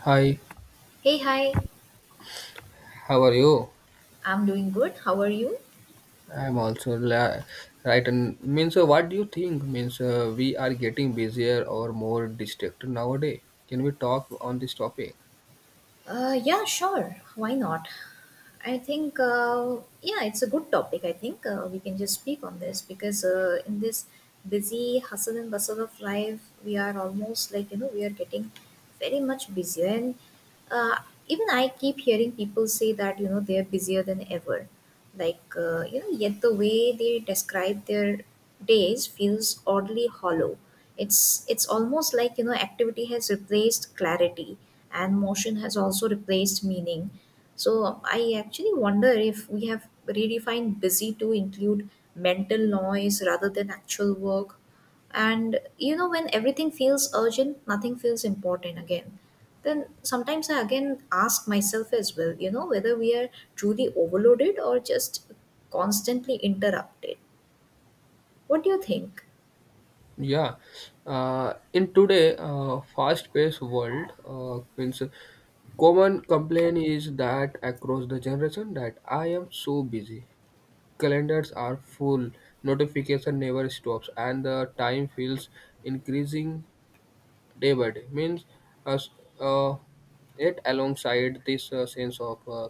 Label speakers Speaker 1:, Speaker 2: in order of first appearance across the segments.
Speaker 1: Hi,
Speaker 2: Hey, hi.
Speaker 1: how are you?
Speaker 2: I'm doing good. How are you?
Speaker 1: I'm also la- right. And means, what do you think? Means, we are getting busier or more distracted nowadays. Can we talk on this topic?
Speaker 2: Yeah, sure. Why not? I think, yeah, it's a good topic. I think we can just speak on this because in this busy hustle and bustle of life, we are almost like, you know, we are getting very much busier. And uh, even I keep hearing people say that, you know, they are busier than ever. Like you know, yet the way they describe their days feels oddly hollow. It's almost like, you know, activity has replaced clarity, and motion has also replaced meaning. So I actually wonder if we have redefined busy to include mental noise rather than actual work. And you know, when everything feels urgent, nothing feels important again. Then sometimes I again ask myself as well, you know, whether we are truly overloaded or just constantly interrupted. What do you think?
Speaker 1: Yeah, in today fast-paced world, means common complaint is that across the generation that I am so busy. Calendars are full, notification never stops, and the time feels increasing day by day means as uh, it alongside this sense of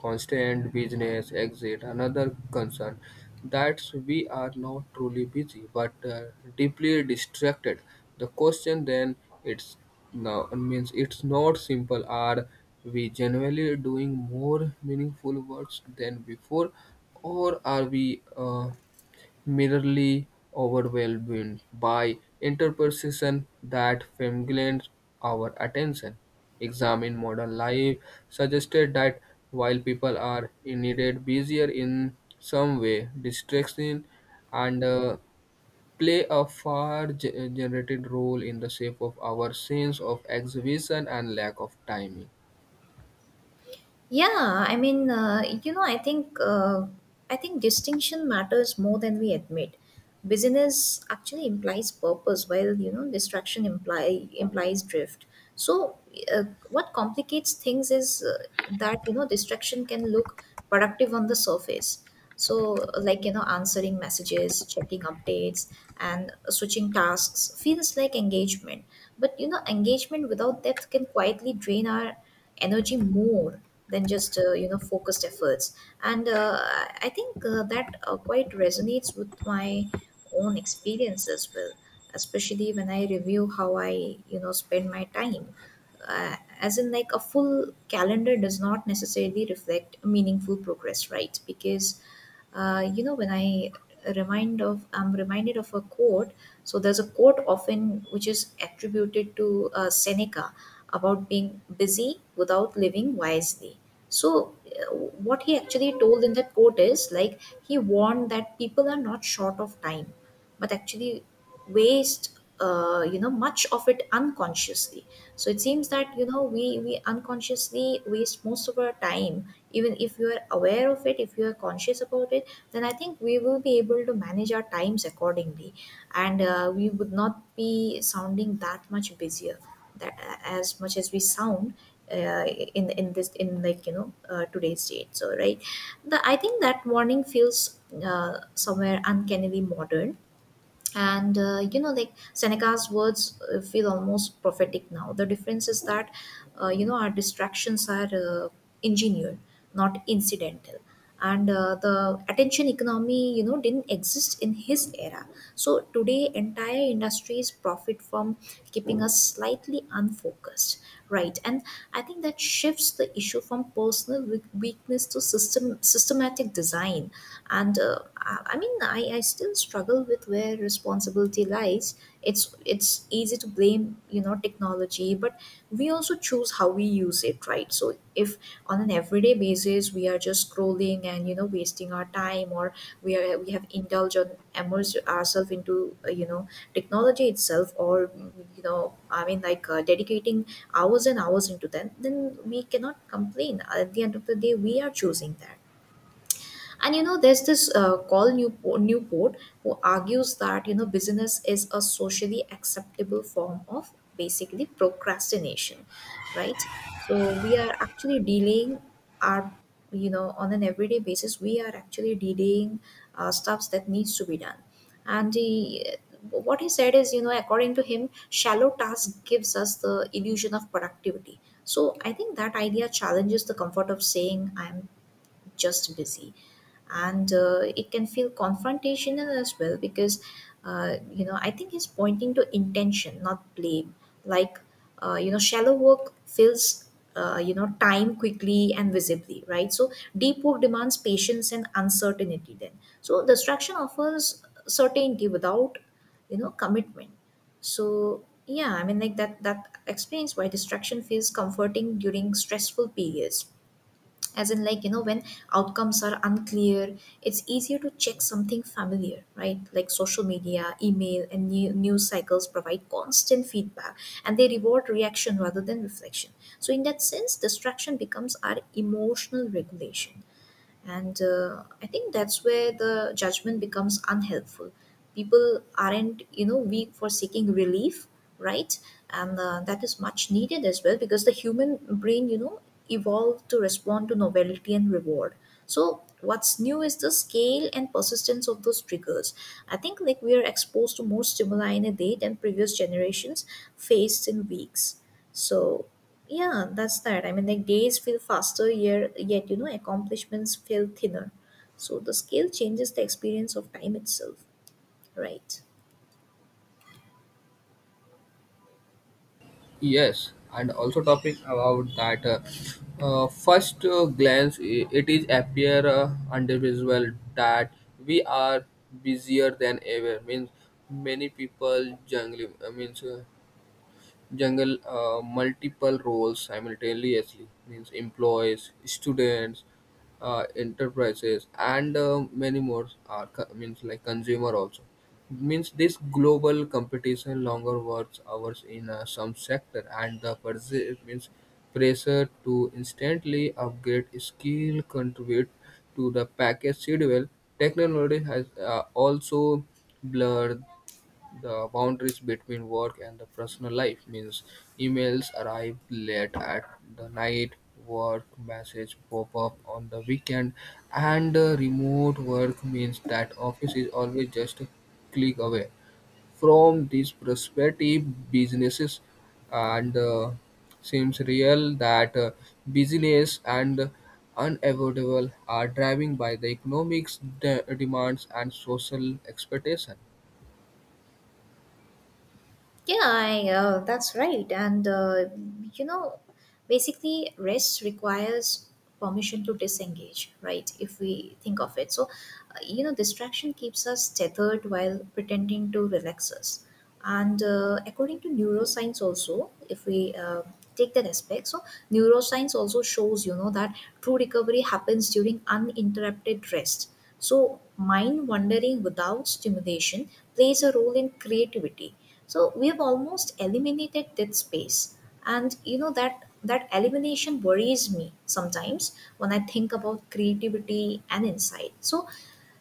Speaker 1: constant business exit another concern that we are not truly busy but deeply distracted the question then it's now means it's not simple are we generally doing more meaningful works than before or are we merely overwhelmed by interpretation that fascinates our attention. Examine modern life suggested that while people are indeed busier in some way, distraction and play a far generated role in the shape of our sense of exhibition and lack of timing.
Speaker 2: Yeah, I mean, you know, I think distinction matters more than we admit. Busyness actually implies purpose, while you know distraction imply implies drift. So, uh, what complicates things is that you know distraction can look productive on the surface. So, like you know, answering messages, checking updates, and switching tasks feels like engagement. But you know, engagement without depth can quietly drain our energy more than just you know, focused efforts. And I think that quite resonates with my own experience as well, especially when I review how I, you know, spend my time. uh, as in, like, a full calendar does not necessarily reflect meaningful progress, right? Because you know, when I'm reminded of a quote. So there's a quote often which is attributed to Seneca about being busy without living wisely. So, what he actually told in that quote is, like, he warned that people are not short of time, but actually waste you know, much of it unconsciously. So it seems that you know we unconsciously waste most of our time. Even if you are aware of it, if you are conscious about it, then I think we will be able to manage our times accordingly, and we would not be sounding that much busier that as much as we sound uh, in like you know today's date, so right. The i think that warning feels somewhere uncannily modern, and you know, like, Seneca's words feel almost prophetic now. The difference is that you know, our distractions are uh, engineered, not incidental. And the attention economy, you know, didn't exist in his era. So today entire industries profit from keeping us slightly unfocused, right? And I think that shifts the issue from personal weakness to systematic design. And I mean I still struggle with where responsibility lies. It's easy to blame, you know, technology, but we also choose how we use it, right? So if on an everyday basis we are just scrolling and you know wasting our time, or we have indulged on immerse ourselves into you know, technology itself, or you know, I mean like dedicating hours and hours into that, then we cannot complain. At the end of the day, we are choosing that. And you know, there's this Newport, who argues that you know business is a socially acceptable form of basically procrastination, right? So we are actually delaying our, you know, on an everyday basis, we are actually delaying stuffs that needs to be done. And what he said is, you know, according to him, shallow task gives us the illusion of productivity. So I think that idea challenges the comfort of saying I'm just busy. And it can feel confrontational as well, because you know, I think he's pointing to intention, not blame. Like you know, shallow work fills you know, time quickly and visibly, right? So deep work demands patience and uncertainty, then. So distraction offers certainty without, you know, commitment. So yeah, I mean, like, that explains why distraction feels comforting during stressful periods. As in like, you know, when outcomes are unclear, it's easier to check something familiar, right? Like social media, email, and news cycles provide constant feedback, and they reward reaction rather than reflection. So in that sense, distraction becomes our emotional regulation. And I think that's where the judgment becomes unhelpful. People aren't, you know, weak for seeking relief, right? And that is much needed as well, because the human brain, you know, evolved to respond to novelty and reward. So what's new is the scale and persistence of those triggers. I think, like, we are exposed to more stimuli in a day than previous generations faced in weeks. So yeah, that's that. I mean, like, days feel faster, here, yet you know accomplishments feel thinner. So the scale changes the experience of time itself, right?
Speaker 1: Yes, and also talking about that first glance, it is appear individual that we are busier than ever. Means many people juggling. Means Jungle multiple roles simultaneously means employees students enterprises and many more are means like consumer also means this global competition longer works hours in some sector and the means pressure to instantly upgrade skill contribute to the package schedule technology has also blurred the boundaries between work and the personal life means emails arrive late at the night, work messages pop up on the weekend, and remote work means that office is always just a click away. From this perspective, businesses and seems real that business and unavoidable are driving by the economics demands and social expectation.
Speaker 2: Yeah, I, that's right. And, you know, basically, rest requires permission to disengage, right? If we think of it. So, you know, distraction keeps us tethered while pretending to relax us. And according to neuroscience, also, if we take that aspect, so neuroscience also shows, you know, that true recovery happens during uninterrupted rest. So, mind wandering without stimulation plays a role in creativity. So we have almost eliminated that space. And you know that elimination worries me sometimes when I think about creativity and insight. So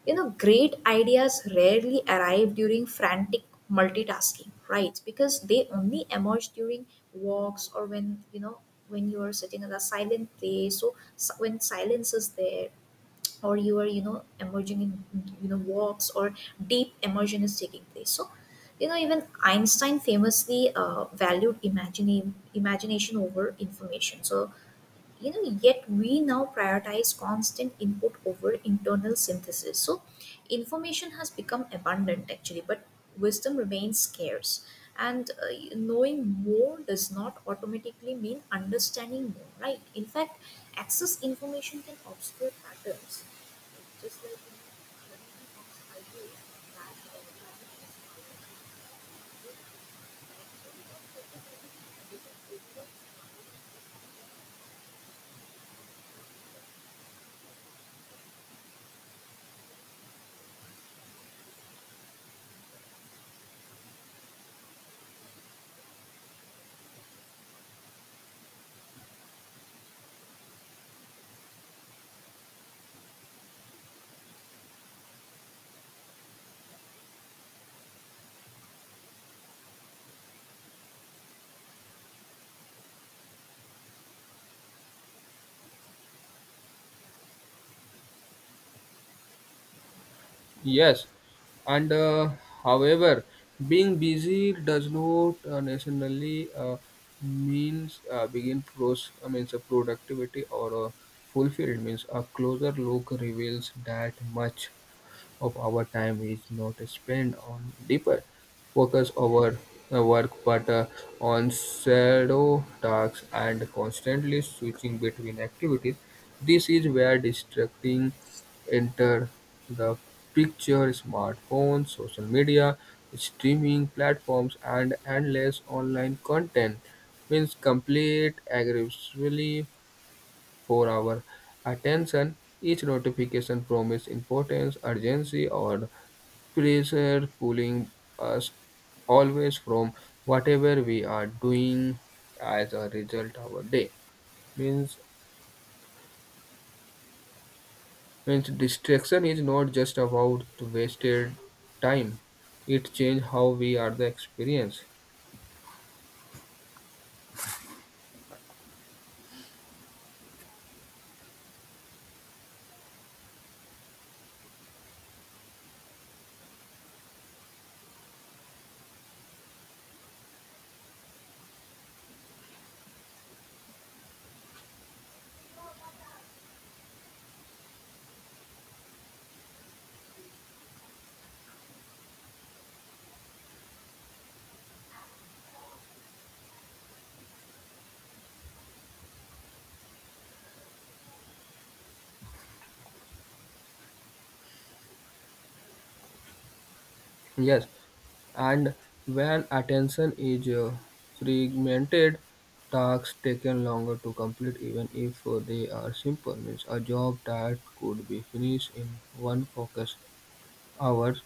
Speaker 2: you know, great ideas rarely arrive during frantic multitasking, right? Because they only emerge during walks, or when you know, when you are sitting in a silent place. So when silence is there, or you are, you know, emerging in, you know, walks, or deep immersion is taking place. So you know, even Einstein famously valued imagination over information. So you know, yet we now prioritize constant input over internal synthesis. So information has become abundant actually, but wisdom remains scarce. And knowing more does not automatically mean understanding more, right? In fact, access information can obscure patterns, just like in the community books I read, Matt
Speaker 1: Yes, and however, being busy does not necessarily means begin pros means a productivity or a fulfilled means a closer look reveals that much of our time is not spent on deeper focus over work but on shadow tasks and constantly switching between activities. This is where distracting enter the picture smartphones, social media, streaming platforms and endless online content means complete aggressively for our attention. Each notification promised importance, urgency, or pressure, pulling us always from whatever we are doing. As a result, our day means means distraction is not just about wasted time. It changes how we are the experience. Yes, and when attention is fragmented, tasks taken longer to complete even if they are simple. Means a job that could be finished in one focus hours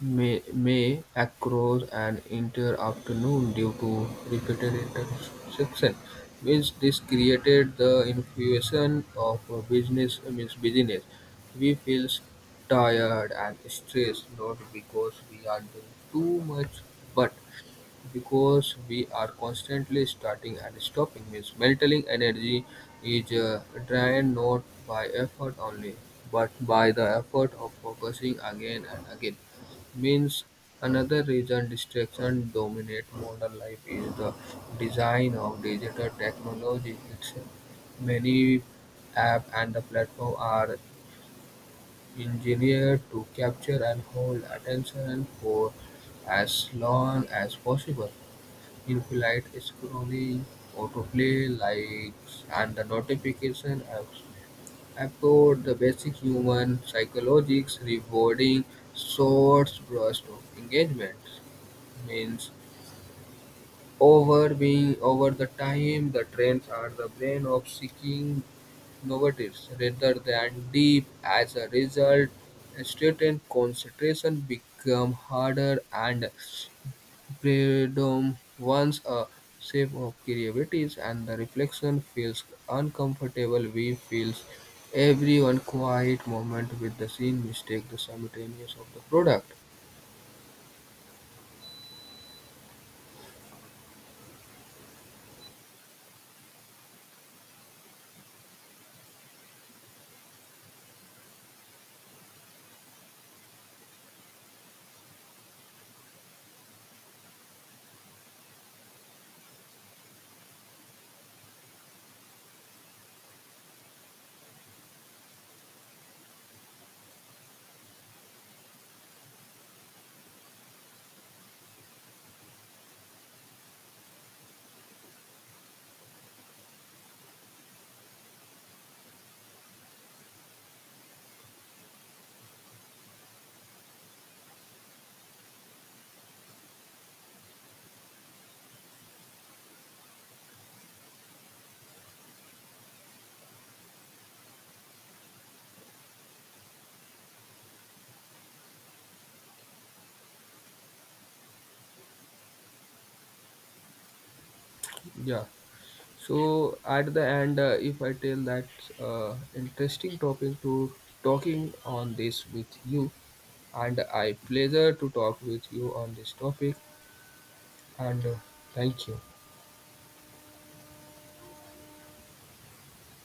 Speaker 1: may across an entire afternoon due to repeated interruptions, which this created the infusion of a business means business. We feel tired and stressed not because we are doing too much, but because we are constantly starting and stopping means mental energy is drained not by effort only, but by the effort of focusing again and again. Means another reason distraction dominate modern life is the design of digital technology itself. Many app and the platform are engineered to capture and hold attention for as long as possible. Infinite scrolling, autoplay, likes, and the notification apps echoed the basic human psychologics, rewarding short bursts of engagement. Means over being over the time the trends are the brain of seeking novelties rather than deep. As a result, student concentration become harder and boredom, once a shape of creativity, and the reflection feels uncomfortable. We feels every one quiet moment with the scene mistake the simultaneous of the product. Yeah. So at the end, if I tell that interesting topic to talking on this with you, and I pleasure to talk with you on this topic, and thank you.